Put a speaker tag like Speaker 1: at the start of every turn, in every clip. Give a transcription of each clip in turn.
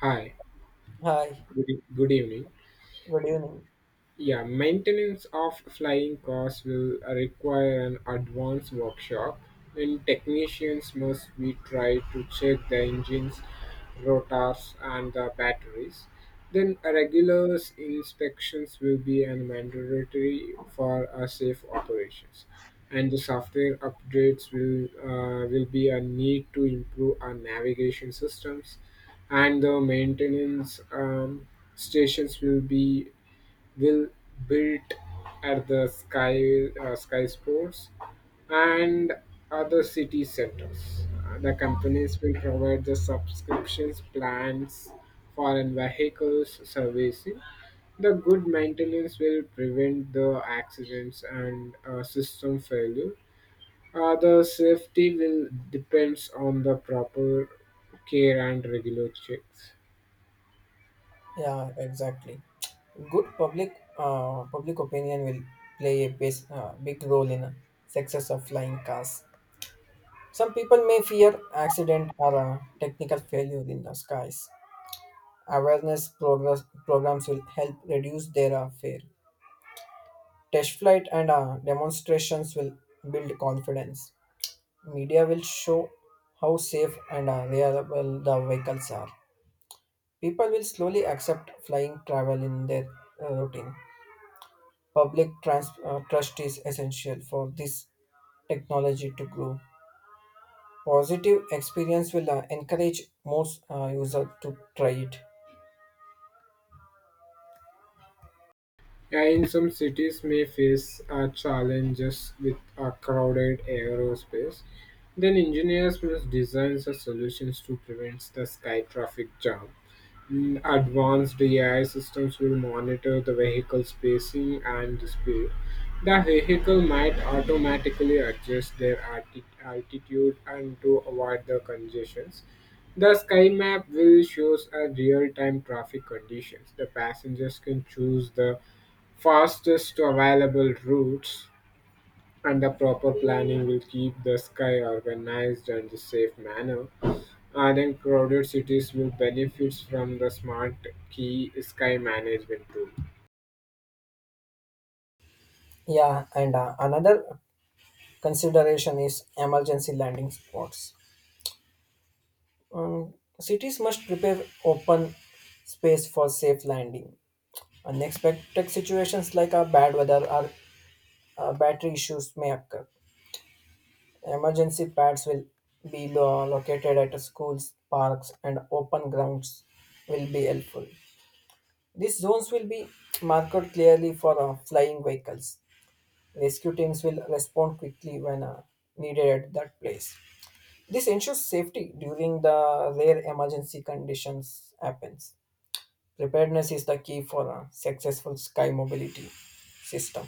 Speaker 1: Hi,
Speaker 2: Hi,
Speaker 1: good evening.
Speaker 2: good evening.
Speaker 1: Yeah, maintenance of flying cars will require an advanced workshop, and technicians must be tried to check the engines, rotors, and the batteries. Then, a regular inspections will be an mandatory for a safe operations, and the software updates will be a need to improve our navigation systems, and the maintenance stations will built at the sky sports and other city centers. The companies will provide the subscriptions plans foreign vehicles servicing. The good maintenance will prevent the accidents and system failure. The safety will depends on the proper care and regular checks.
Speaker 2: Yeah, exactly. Good public opinion will play a bas big role in success of flying cars. Some people may fear accident or technical failure in the skies. Awareness progress programs will help reduce their fear. Test flight and demonstrations will build confidence. Media will show how safe and reliable the vehicles are. People will slowly accept flying travel in their routine. Trust is essential for this technology to grow. Positive experience will encourage more users to try it.
Speaker 1: Yeah, in some cities may face challenges with a crowded aerospace. Then engineers must design the solutions to prevent the sky traffic jam. Mm, Advanced AI systems will monitor the vehicle spacing and the speed. The vehicle might automatically adjust their altitude and to avoid the congestions. The sky map will shows a real-time traffic conditions. The passengers can choose the fastest available routes, and the proper planning will keep the sky organized and a safe manner. I think crowded cities will benefit from the smart key sky management tool.
Speaker 2: Yeah, and another consideration is emergency landing spots. Um, Cities must prepare open space for safe landing. Unexpected situations like a bad weather or battery issues may occur. Emergency pads will be located at schools, parks, and open grounds will be helpful. These zones will be marked clearly for flying vehicles. Rescue teams will respond quickly when needed at that place. This ensures safety during the rare emergency conditions happens. Preparedness is the key for a successful sky mobility system.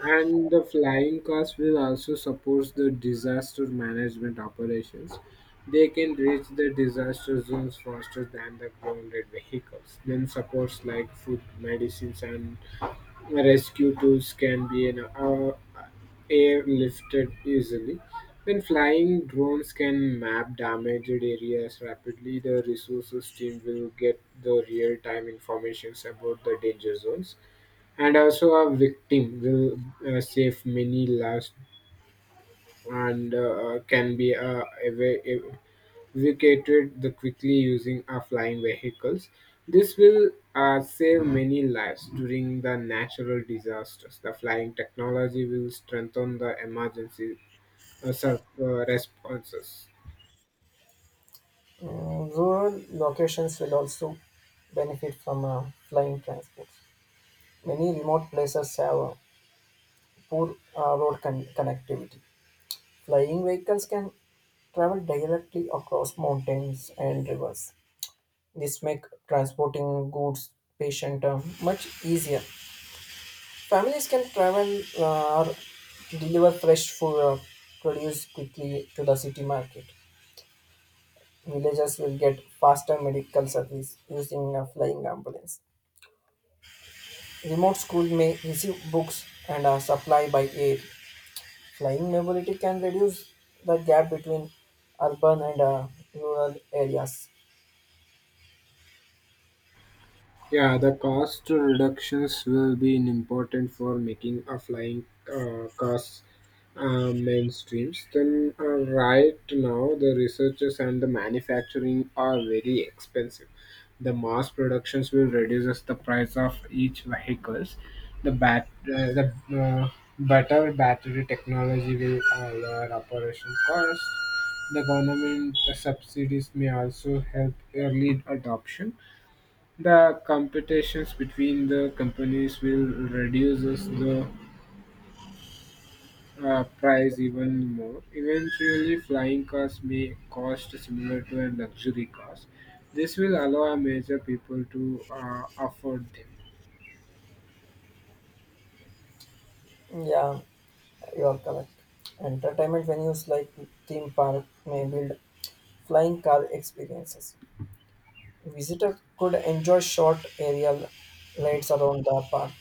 Speaker 1: And the flying cars will also support the disaster management operations. They can reach the disaster zones faster than the grounded vehicles. Then supports like food, medicines, and rescue tools can be airlifted easily. When flying, drones can map damaged areas rapidly. The resources team will get the real time information about the danger zones. And also, a victim will save many lives and can be we catered the quickly using our flying vehicles. This will save many lives during the natural disasters. The flying technology will strengthen the emergency responses.
Speaker 2: Rural locations will also benefit from flying transport. Many remote places have poor connectivity. Flying vehicles can travel directly across mountains and rivers. This make transporting goods patient much easier. Families can travel or deliver fresh food or produce quickly to the city market. Villagers will get faster medical service using a flying ambulance. Remote school may receive books and supply by air. Flying mobility can reduce the gap between urban and rural areas.
Speaker 1: Yeah, the cost reductions will be an important for making a flying cars mainstreams. Then Right now, the researchers and the manufacturing are very expensive. The mass productions will reduces the price of each vehicles. The better battery technology will lower operation costs. The government subsidies may also help early adoption the competitions between the companies will reduces the price even more. Eventually, flying cars may cost similar to a luxury cars. This will allow major people to afford them.
Speaker 2: Yeah, you are correct. Entertainment venues like theme park may build flying car experiences. Visitor could enjoy short aerial rides around the park.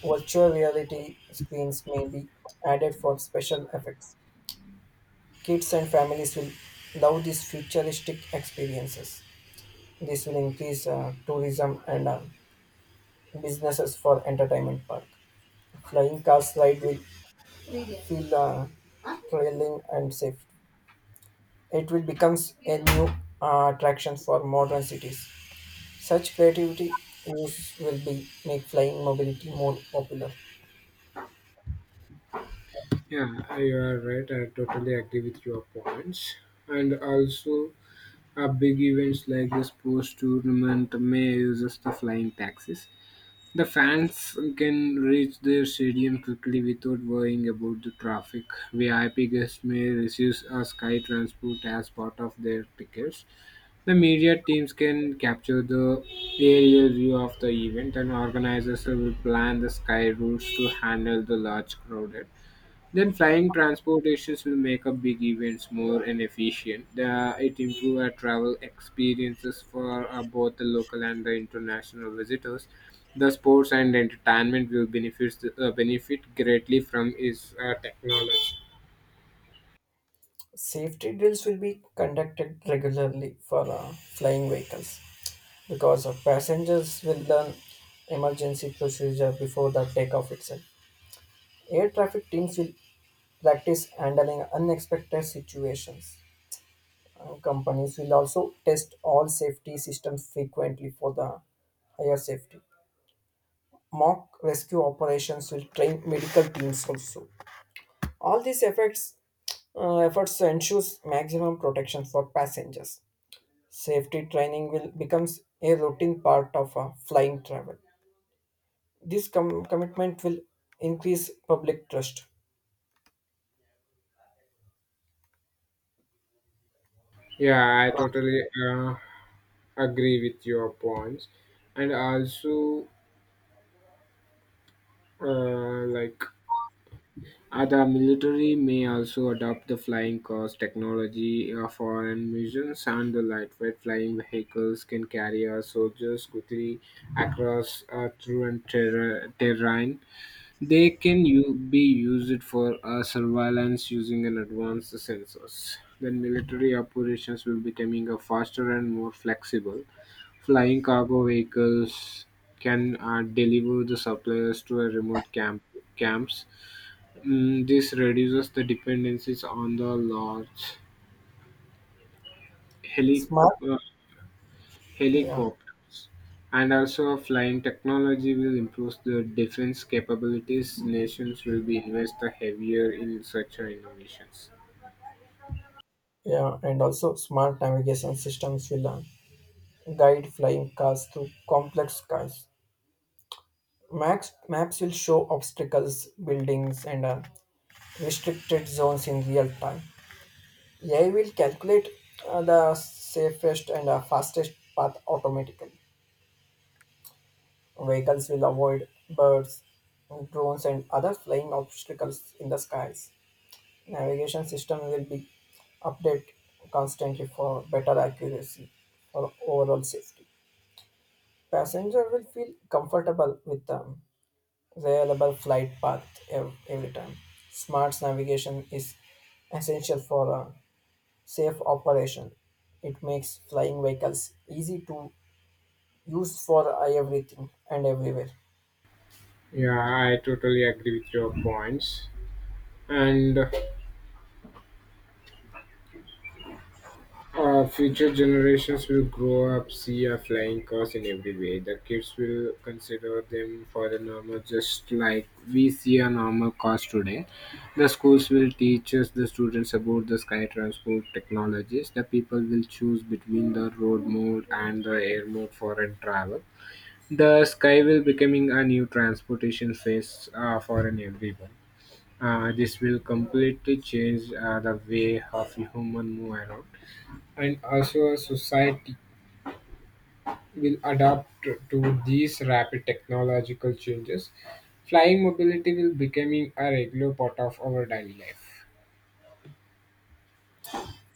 Speaker 2: Virtual reality screens may be added for special effects. Kids and families will love these futuristic experiences. This will increase tourism and businesses for entertainment park. Flying cars ride will feel thrilling and safe. It will becomes a new attraction for modern cities. Such creativity use will be make flying mobility more popular.
Speaker 1: Yeah, you are right. I totally agree with your points. And also, big events like the sports tournament may use the flying taxis. The fans can reach their stadium quickly without worrying about the traffic. VIP guests may receive a sky transport as part of their tickets. The media teams can capture the aerial view of the event, and organizers will plan the sky routes to handle the large crowd. Then flying transportations will make up big events more and efficient. The, it improve our travel experiences for both the local and the international visitors. The sports and entertainment will benefit greatly from its technology.
Speaker 2: Safety drills will be conducted regularly for flying vehicles because of passengers will learn emergency procedure before the takeoff itself. Air traffic teams will practice handling unexpected situations. Companies will also test all safety systems frequently for the higher safety. Mock rescue operations will train medical teams also. All these efforts, efforts ensures maximum protection for passengers. Safety training will becomes a routine part of flying travel. Commitment will increase public trust.
Speaker 1: Yeah, I totally uh, agree with your points, and also like Other military may also adopt the flying cars technology for missions, and the lightweight flying vehicles can carry our soldiers quickly across through terrain. They can be used for surveillance using an advanced sensors. Then military operations will becoming a faster and more flexible. Flying cargo vehicles can deliver the supplies to a remote camps. Mm, this reduces the dependencies on the large heli-
Speaker 2: Smart,
Speaker 1: uh,
Speaker 2: yeah,
Speaker 1: helicopters. And also, flying technology will improve the defense capabilities. Nations will be invest heavier in such innovations.
Speaker 2: yeah, and also smart navigation systems will guide flying cars through complex skies. Max, maps will show obstacles, buildings, and restricted zones in real time. AI will calculate the safest and fastest path automatically. Vehicles will avoid birds, drones, and other flying obstacles in the skies. Navigation system will be updated constantly for better accuracy or overall safety. Passenger will feel comfortable with them reliable flight path every time. Smart navigation is essential for a safe operation. It makes flying vehicles easy to use for everything and everywhere.
Speaker 1: Yeah, I totally agree with your points. And future generations will grow up, see a flying cars in every way. The kids will consider them for the normal, just like we see a normal cars today. The schools will teach us the students about the sky transport technologies. The people will choose between the road mode and the air mode for a travel. The sky will becoming a new transportation phase for an everyone. This will completely change the way of human move around and also, a society will adapt to these rapid technological changes. Flying mobility will becoming a regular part of our daily life.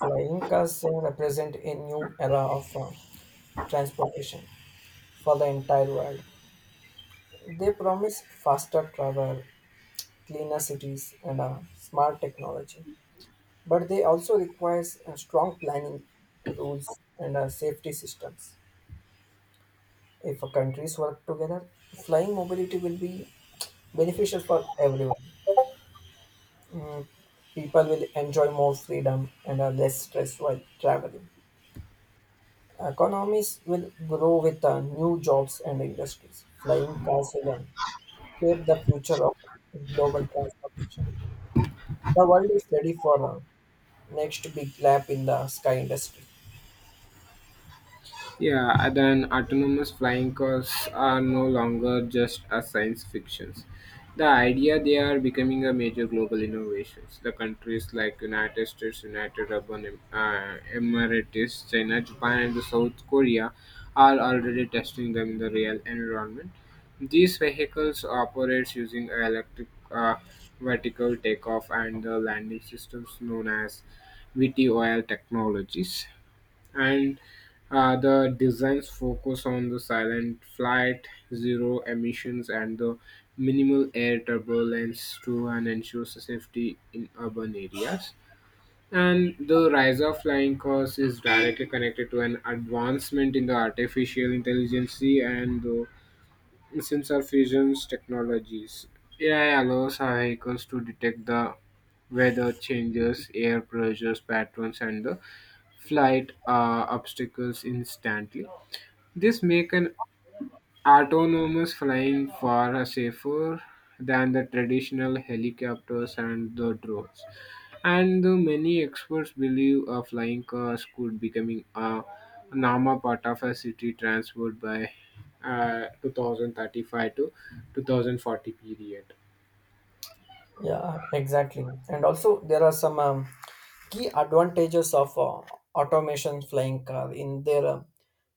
Speaker 2: Flying cars represent a new era of transportation for the entire world. They promise faster travel, cleaner cities, and smart technology. But they also require strong planning, rules, and safety systems. If countries work together, flying mobility will be beneficial for everyone. People will enjoy more freedom and are less stressed while traveling. Economies will grow with new jobs and industries. Flying cars will shape the future of global transportation. The world is ready for the next big lap in the sky industry.
Speaker 1: Yeah, and then autonomous flying cars are no longer just a science fictions. The idea they are becoming a major global innovations. The countries like United States, United Emirates, China, Japan, and the South Korea are already testing them in the real environment. These vehicles operates using electric vertical takeoff and the landing systems known as VTOL technologies and the designs focus on the silent flight, zero emissions, and the minimal air turbulence to and ensure safety in urban areas. And the rise of flying cars is directly connected to an advancement in the artificial intelligence and the sensor fusions technologies. AI allows our vehicles to detect the weather changes, air pressures, patterns, and the flight obstacles instantly. This make an autonomous flying far safer than the traditional helicopters and the drones. And the many experts believe flying cars could becoming a normal part of a city transport by 2035 to 2040 period.
Speaker 2: Yeah, exactly. And also, there are some key advantages of automation flying car in their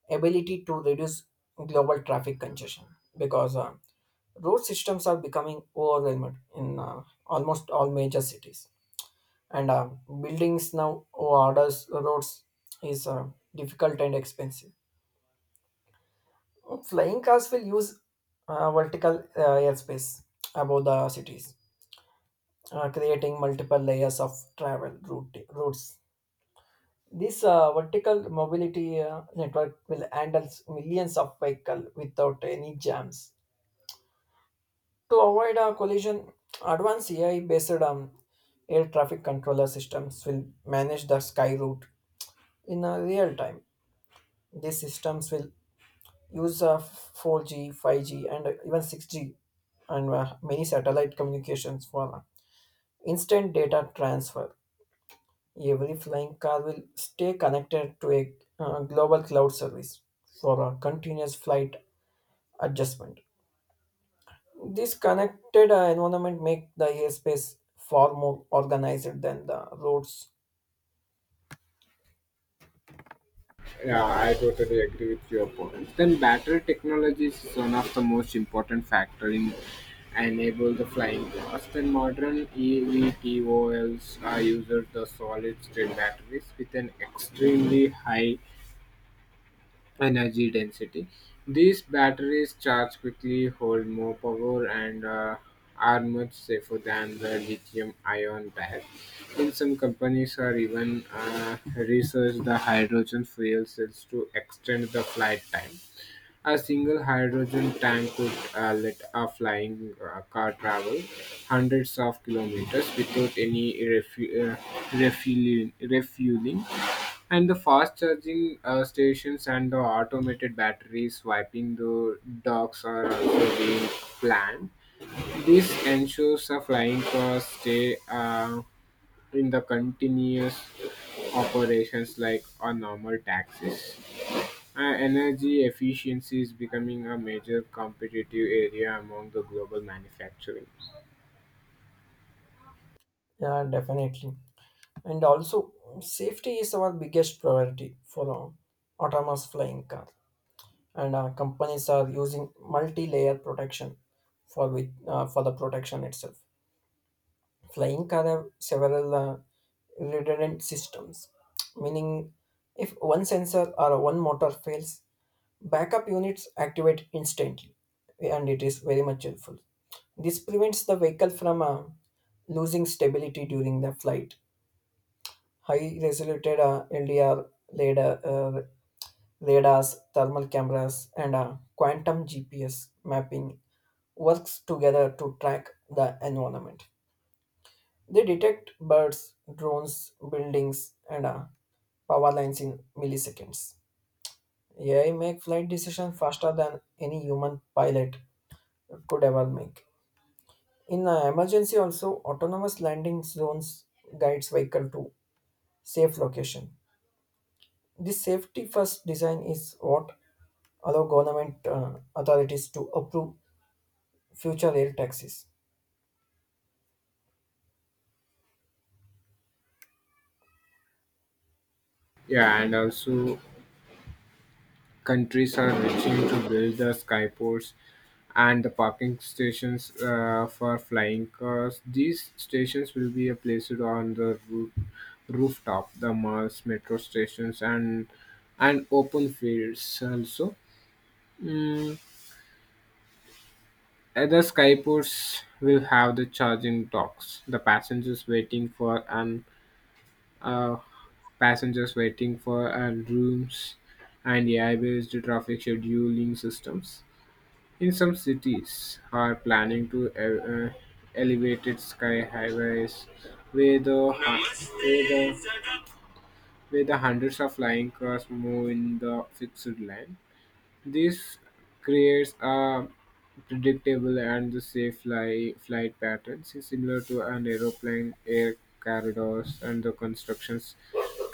Speaker 2: ability to reduce global traffic congestion because road systems are becoming overwhelmed in almost all major cities. And buildings now orders roads is difficult and expensive. Flying cars will use vertical airspace above the cities creating multiple layers of routes. This vertical mobility network will handle millions of vehicles without any jams. To avoid a collision, advanced AI based air traffic controller systems will manage the sky route in a real time. These systems will use 4G, 5G, and even 6G and many satellite communications for instant data transfer. Every flying car will stay connected to a global cloud service for a continuous flight adjustment. This connected environment make the airspace far more organized than the roads.
Speaker 1: Yeah, I totally agree with your point. Then battery technology is one of the most important factor in enable the flying cars. Then modern EVTOLs are used the solid state batteries with an extremely high energy density. These batteries charge quickly, hold more power, and are much safer than the lithium ion type. In some companies, are even research the hydrogen fuel cells to extend the flight time. A single hydrogen tank could let a flying car travel hundreds of kilometers without any refueling. And the fast charging stations and the automated battery swiping the docks are also being planned. This ensures a flying cars stay in the continuous operations like a normal taxis. Energy efficiency is becoming a major competitive area among the global manufacturing.
Speaker 2: Yeah, definitely. And also, safety is our biggest priority for autonomous flying car. And companies are using multi-layer protection for the protection itself. Flying car have several redundant systems, meaning if one sensor or one motor fails, backup units activate instantly, and it is very much helpful. This prevents the vehicle from losing stability during the flight. High resolution LDR radar, uh, radars, thermal cameras, and quantum GPS mapping works together to track the environment. They detect birds, drones, buildings, and power lines in milliseconds. AI make flight decisions faster than any human pilot could ever make. In an emergency, also autonomous landing zones guides vehicle to safe location. This safety first design is what allow government authorities to approve future air taxis.
Speaker 1: Yeah, and also countries are reaching to build the skyports and the parking stations for flying cars. These stations will be placed on the rooftop, the malls, metro stations, and open fields also. Mm, other skyports will have the charging docks. The uh, passengers waiting for and rooms and AI-based traffic scheduling systems. In some cities are planning to elevated sky highways where the, hu- where the hundreds of flying cars move in the fixed line. This creates a predictable and the safe flight patterns is similar to an aeroplane air corridors and the constructions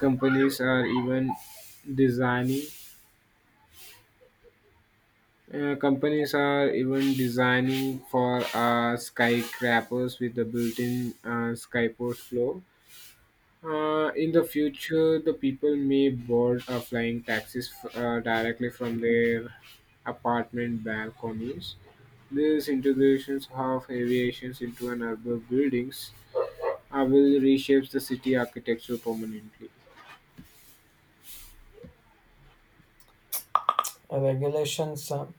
Speaker 1: companies are even designing companies are even designing for skyscrapers with the built-in skyport floor. In the future, the people may board flying taxis directly from their apartment balconies. These integrations of aviations into an urban buildings will reshape the city architecture permanently.
Speaker 2: Regulations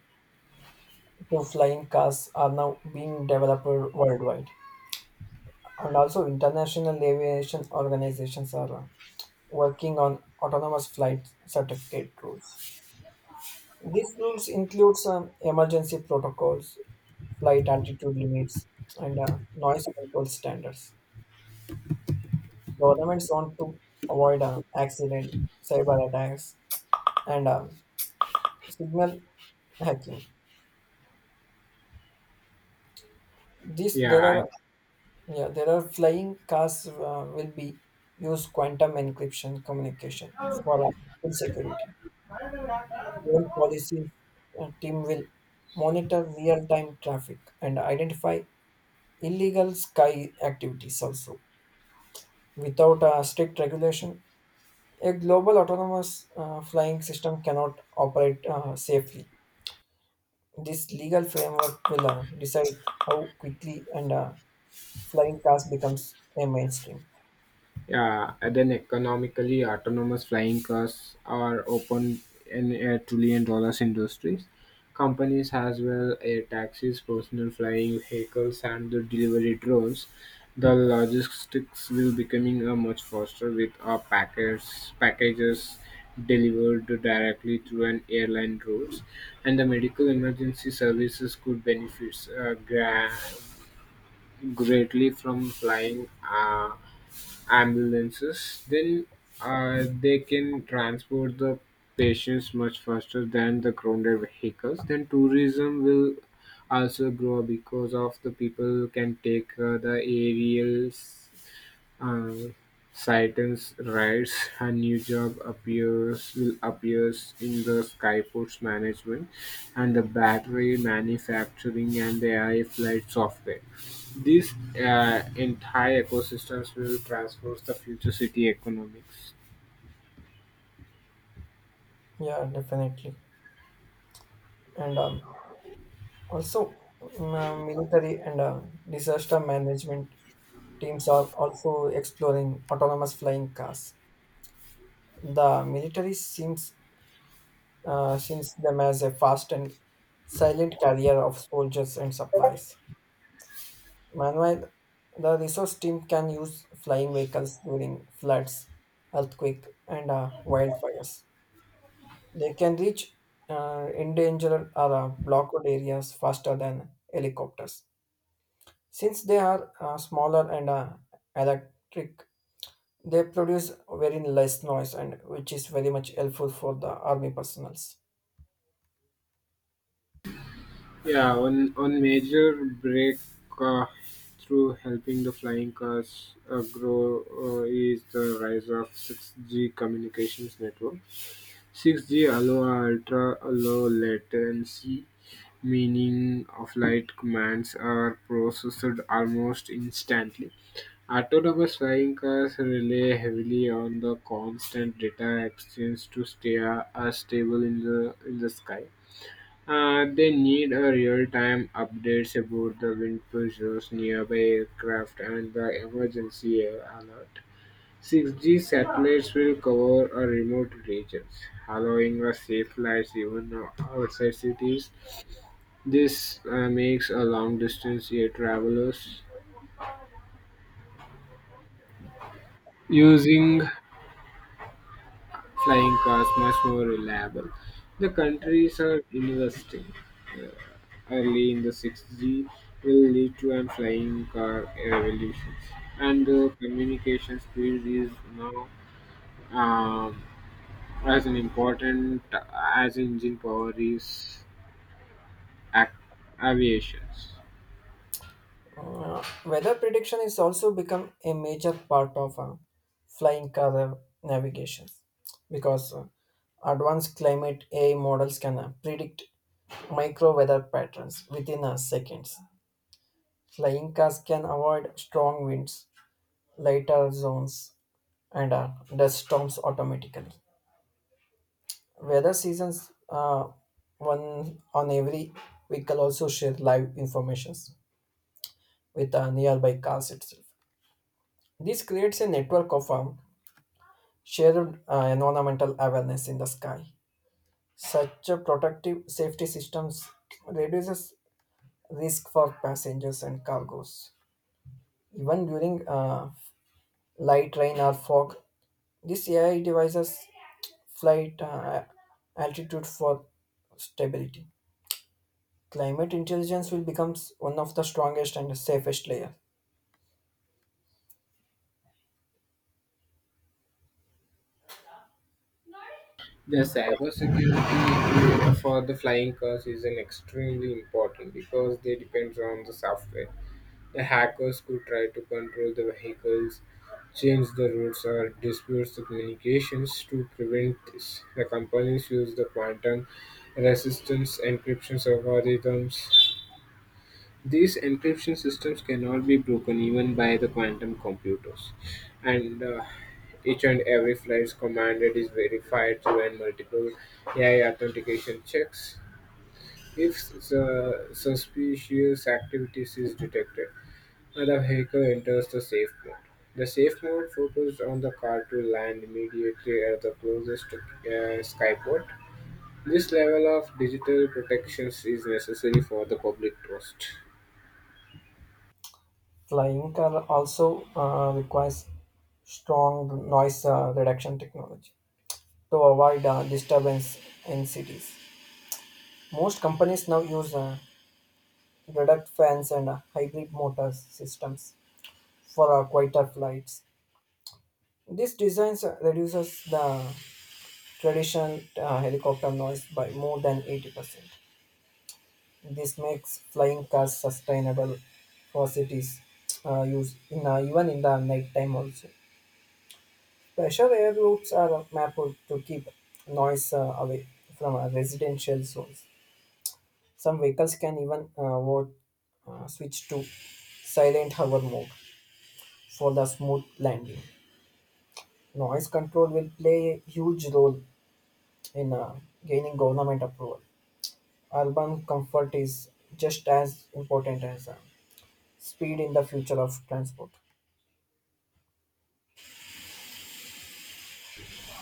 Speaker 2: to flying cars are now being developed worldwide. And also international aviation organizations are working on autonomous flight certificate rules. These rules include some emergency protocols, flight altitude limits, and noise control standards. Governments want to avoid accident, cyber attacks, and signal hacking. This there
Speaker 1: Yeah,
Speaker 2: are yeah there are flying cars will be use quantum encryption communication for full security. Fuel policies team will monitor real-time traffic and identify illegal sky activities also. Without a strict regulation, a global autonomous flying system cannot operate safely. This legal framework will decide how quickly and flying cars becomes a mainstream.
Speaker 1: Yeah, and then economically autonomous flying cars are open in a trillion dollars industries. Companies as well air taxis, personal flying vehicles, and the delivery drones. The logistics will becoming much faster with our packets, packages delivered directly through an airline routes, and the medical emergency services could benefit greatly from flying. Ambulances, then they can transport the patients much faster than the grounded vehicles. Then tourism will also grow because of the people can take the aerials uh, Saitens writes her new job appears will appears in the Skyports management and the battery manufacturing and the AI flight software. These entire ecosystems will transform the future city economics.
Speaker 2: Yeah, definitely. And also, military and disaster management teams are also exploring autonomous flying cars. The military seems sees them as a fast and silent carrier of soldiers and supplies. Meanwhile, the resource team can use flying vehicles during floods, earthquake, and wildfires. They can reach endangered or blocked areas faster than helicopters. Since they are smaller and electric, they produce very less noise, and which is very much helpful for the army personnels.
Speaker 1: Yeah, one major break uh, through helping the flying cars grow is the rise of 6G communications network. Six G allows ultra-low latency, meaning flight commands are processed almost instantly. Autonomous flying cars rely heavily on the constant data exchange to stay stable in the sky. They need a real-time updates about the wind pressures, nearby aircraft, and the emergency alert. 6G satellites will cover a remote regions, allowing a safe flights even outside cities. This makes a long distance air travelers using flying cars much more reliable. The countries are investing uh, early in the 6G will lead to a flying car revolution, and the communication speed is now. Um, as an important as engine power is ac- aviation.
Speaker 2: Weather prediction is also become a major part of flying car navigation because advanced climate AI models can predict micro weather patterns within seconds. Flying cars can avoid strong winds, lighter zones, and dust storms automatically. Weather seasons, one on every vehicle also share live informations with nearby cars itself. This creates a network of shared environmental awareness in the sky. Such a protective safety systems reduces risk for passengers and cargoes. Even during light rain or fog, these AI devices flight altitude for stability. Climate intelligence will become one of the strongest and safest layer.
Speaker 1: The cybersecurity for the flying cars is an extremely important because they depends on the software. The hackers could try to control the vehicles, change the routes, or dispute the communications to prevent this. The companies use the quantum resistance encryption algorithms. These encryption systems cannot be broken even by the quantum computers, and each and every flight's commanded is verified through an multiple AI authentication checks. If the suspicious activities is detected, the vehicle enters the safe mode. The safe mode focused on the car to land immediately at the closest skyport. This level of digital protections is necessary for the public trust.
Speaker 2: Flying car also requires strong noise reduction technology to avoid disturbance in cities. Most companies now use reduct fans and hybrid motor systems for quieter flights. This design reduces the traditional helicopter noise by more than 80%. This makes flying cars sustainable for cities use in even in the nighttime also. Special air routes are mapped to keep noise away from residential zones. Some vehicles can even switch to silent hover mode for the smooth landing. Noise control will play a huge role in gaining government approval. Urban comfort is just as important as speed in the future of transport.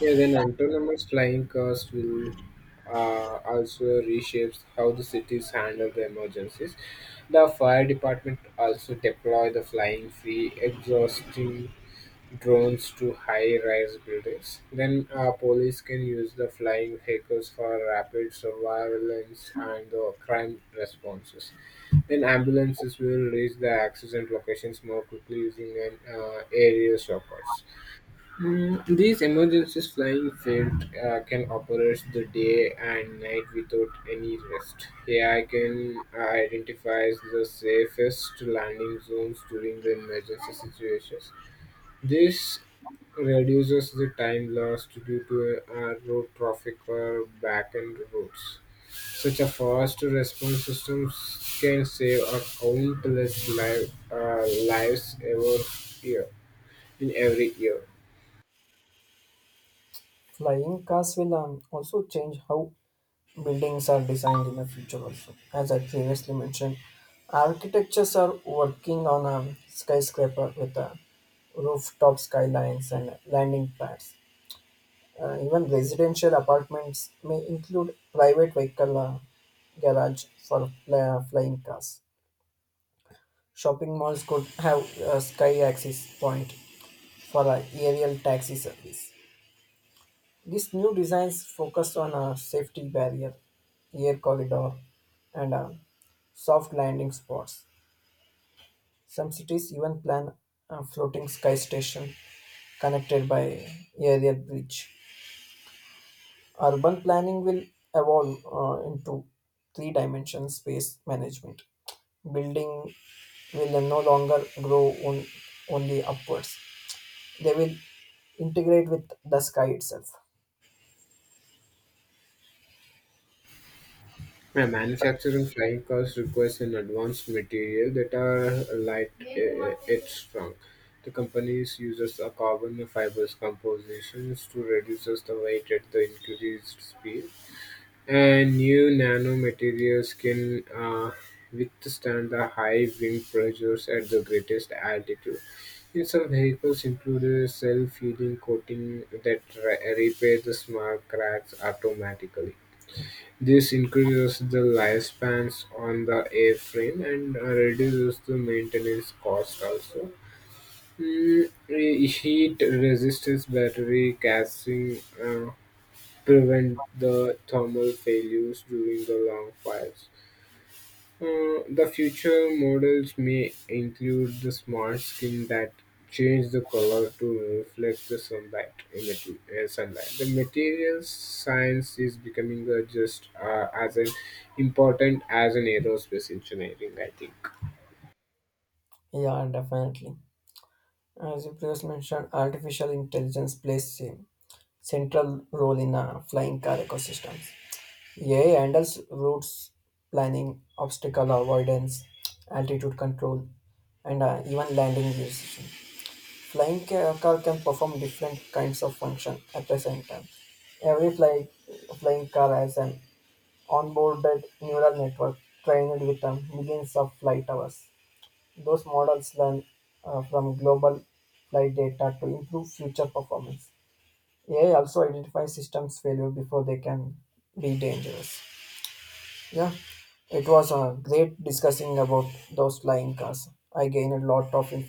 Speaker 1: Yeah, then autonomous flying cars will also reshapes how the cities handle the emergencies. The fire department also deploy the flying free exhausting drones to high-rise buildings. Then police can use the flying vehicles for rapid surveillance and crime responses. Then ambulances will reach the accident locations more quickly using an aerial shortcuts. Mm, these emergency flying field can operate the day and night without any rest. AI can identify the safest landing zones during the emergency situations. This reduces the time lost due to road traffic or back-end routes. Such a fast response system can save a countless lives every year in every year.
Speaker 2: Flying cars will also change how buildings are designed in the future also. As I previously mentioned, architectures are working on a skyscraper with rooftop skylines and landing pads. Even residential apartments may include private vehicle garage for flying cars. Shopping malls could have a sky access point for a aerial taxi service. These new designs focus on a safety barrier, air corridor, and soft landing spots. Some cities even plan a floating sky station connected by aerial bridge. Urban planning will evolve into three-dimensional space management. Building will no longer grow on, only upwards. They will integrate with the sky itself.
Speaker 1: Yeah, manufacturing flying cars requires an advanced material that are light yet strong. The companies uses a carbon fibers compositions to reduce the weight at the increased speed, and new nanomaterials can uh, withstand the high wind pressures at the greatest altitude. In some vehicles, include a self-healing coating that repairs the small cracks automatically. This increases the lifespans on the airframe and reduces the maintenance cost also. Heat resistance battery casting uh, prevent the thermal failures during the long fires. The future models may include the smart skin that change the color to reflect the sunlight. Sunlight. The materials science is becoming just as an important as an aerospace engineering, I think.
Speaker 2: Yeah, definitely. As you previously mentioned, artificial intelligence plays a central role in flying car ecosystems. AI handles routes planning, obstacle avoidance, altitude control, and even landing decision. Car can perform different kinds of function at the same time. Every flight, flying car has an onboarded neural network trained with millions of flight hours. Those models learn from global flight data to improve future performance. AI also identifies systems failure before they can be dangerous. Yeah, it was great discussing about those flying cars. I gained a lot of information.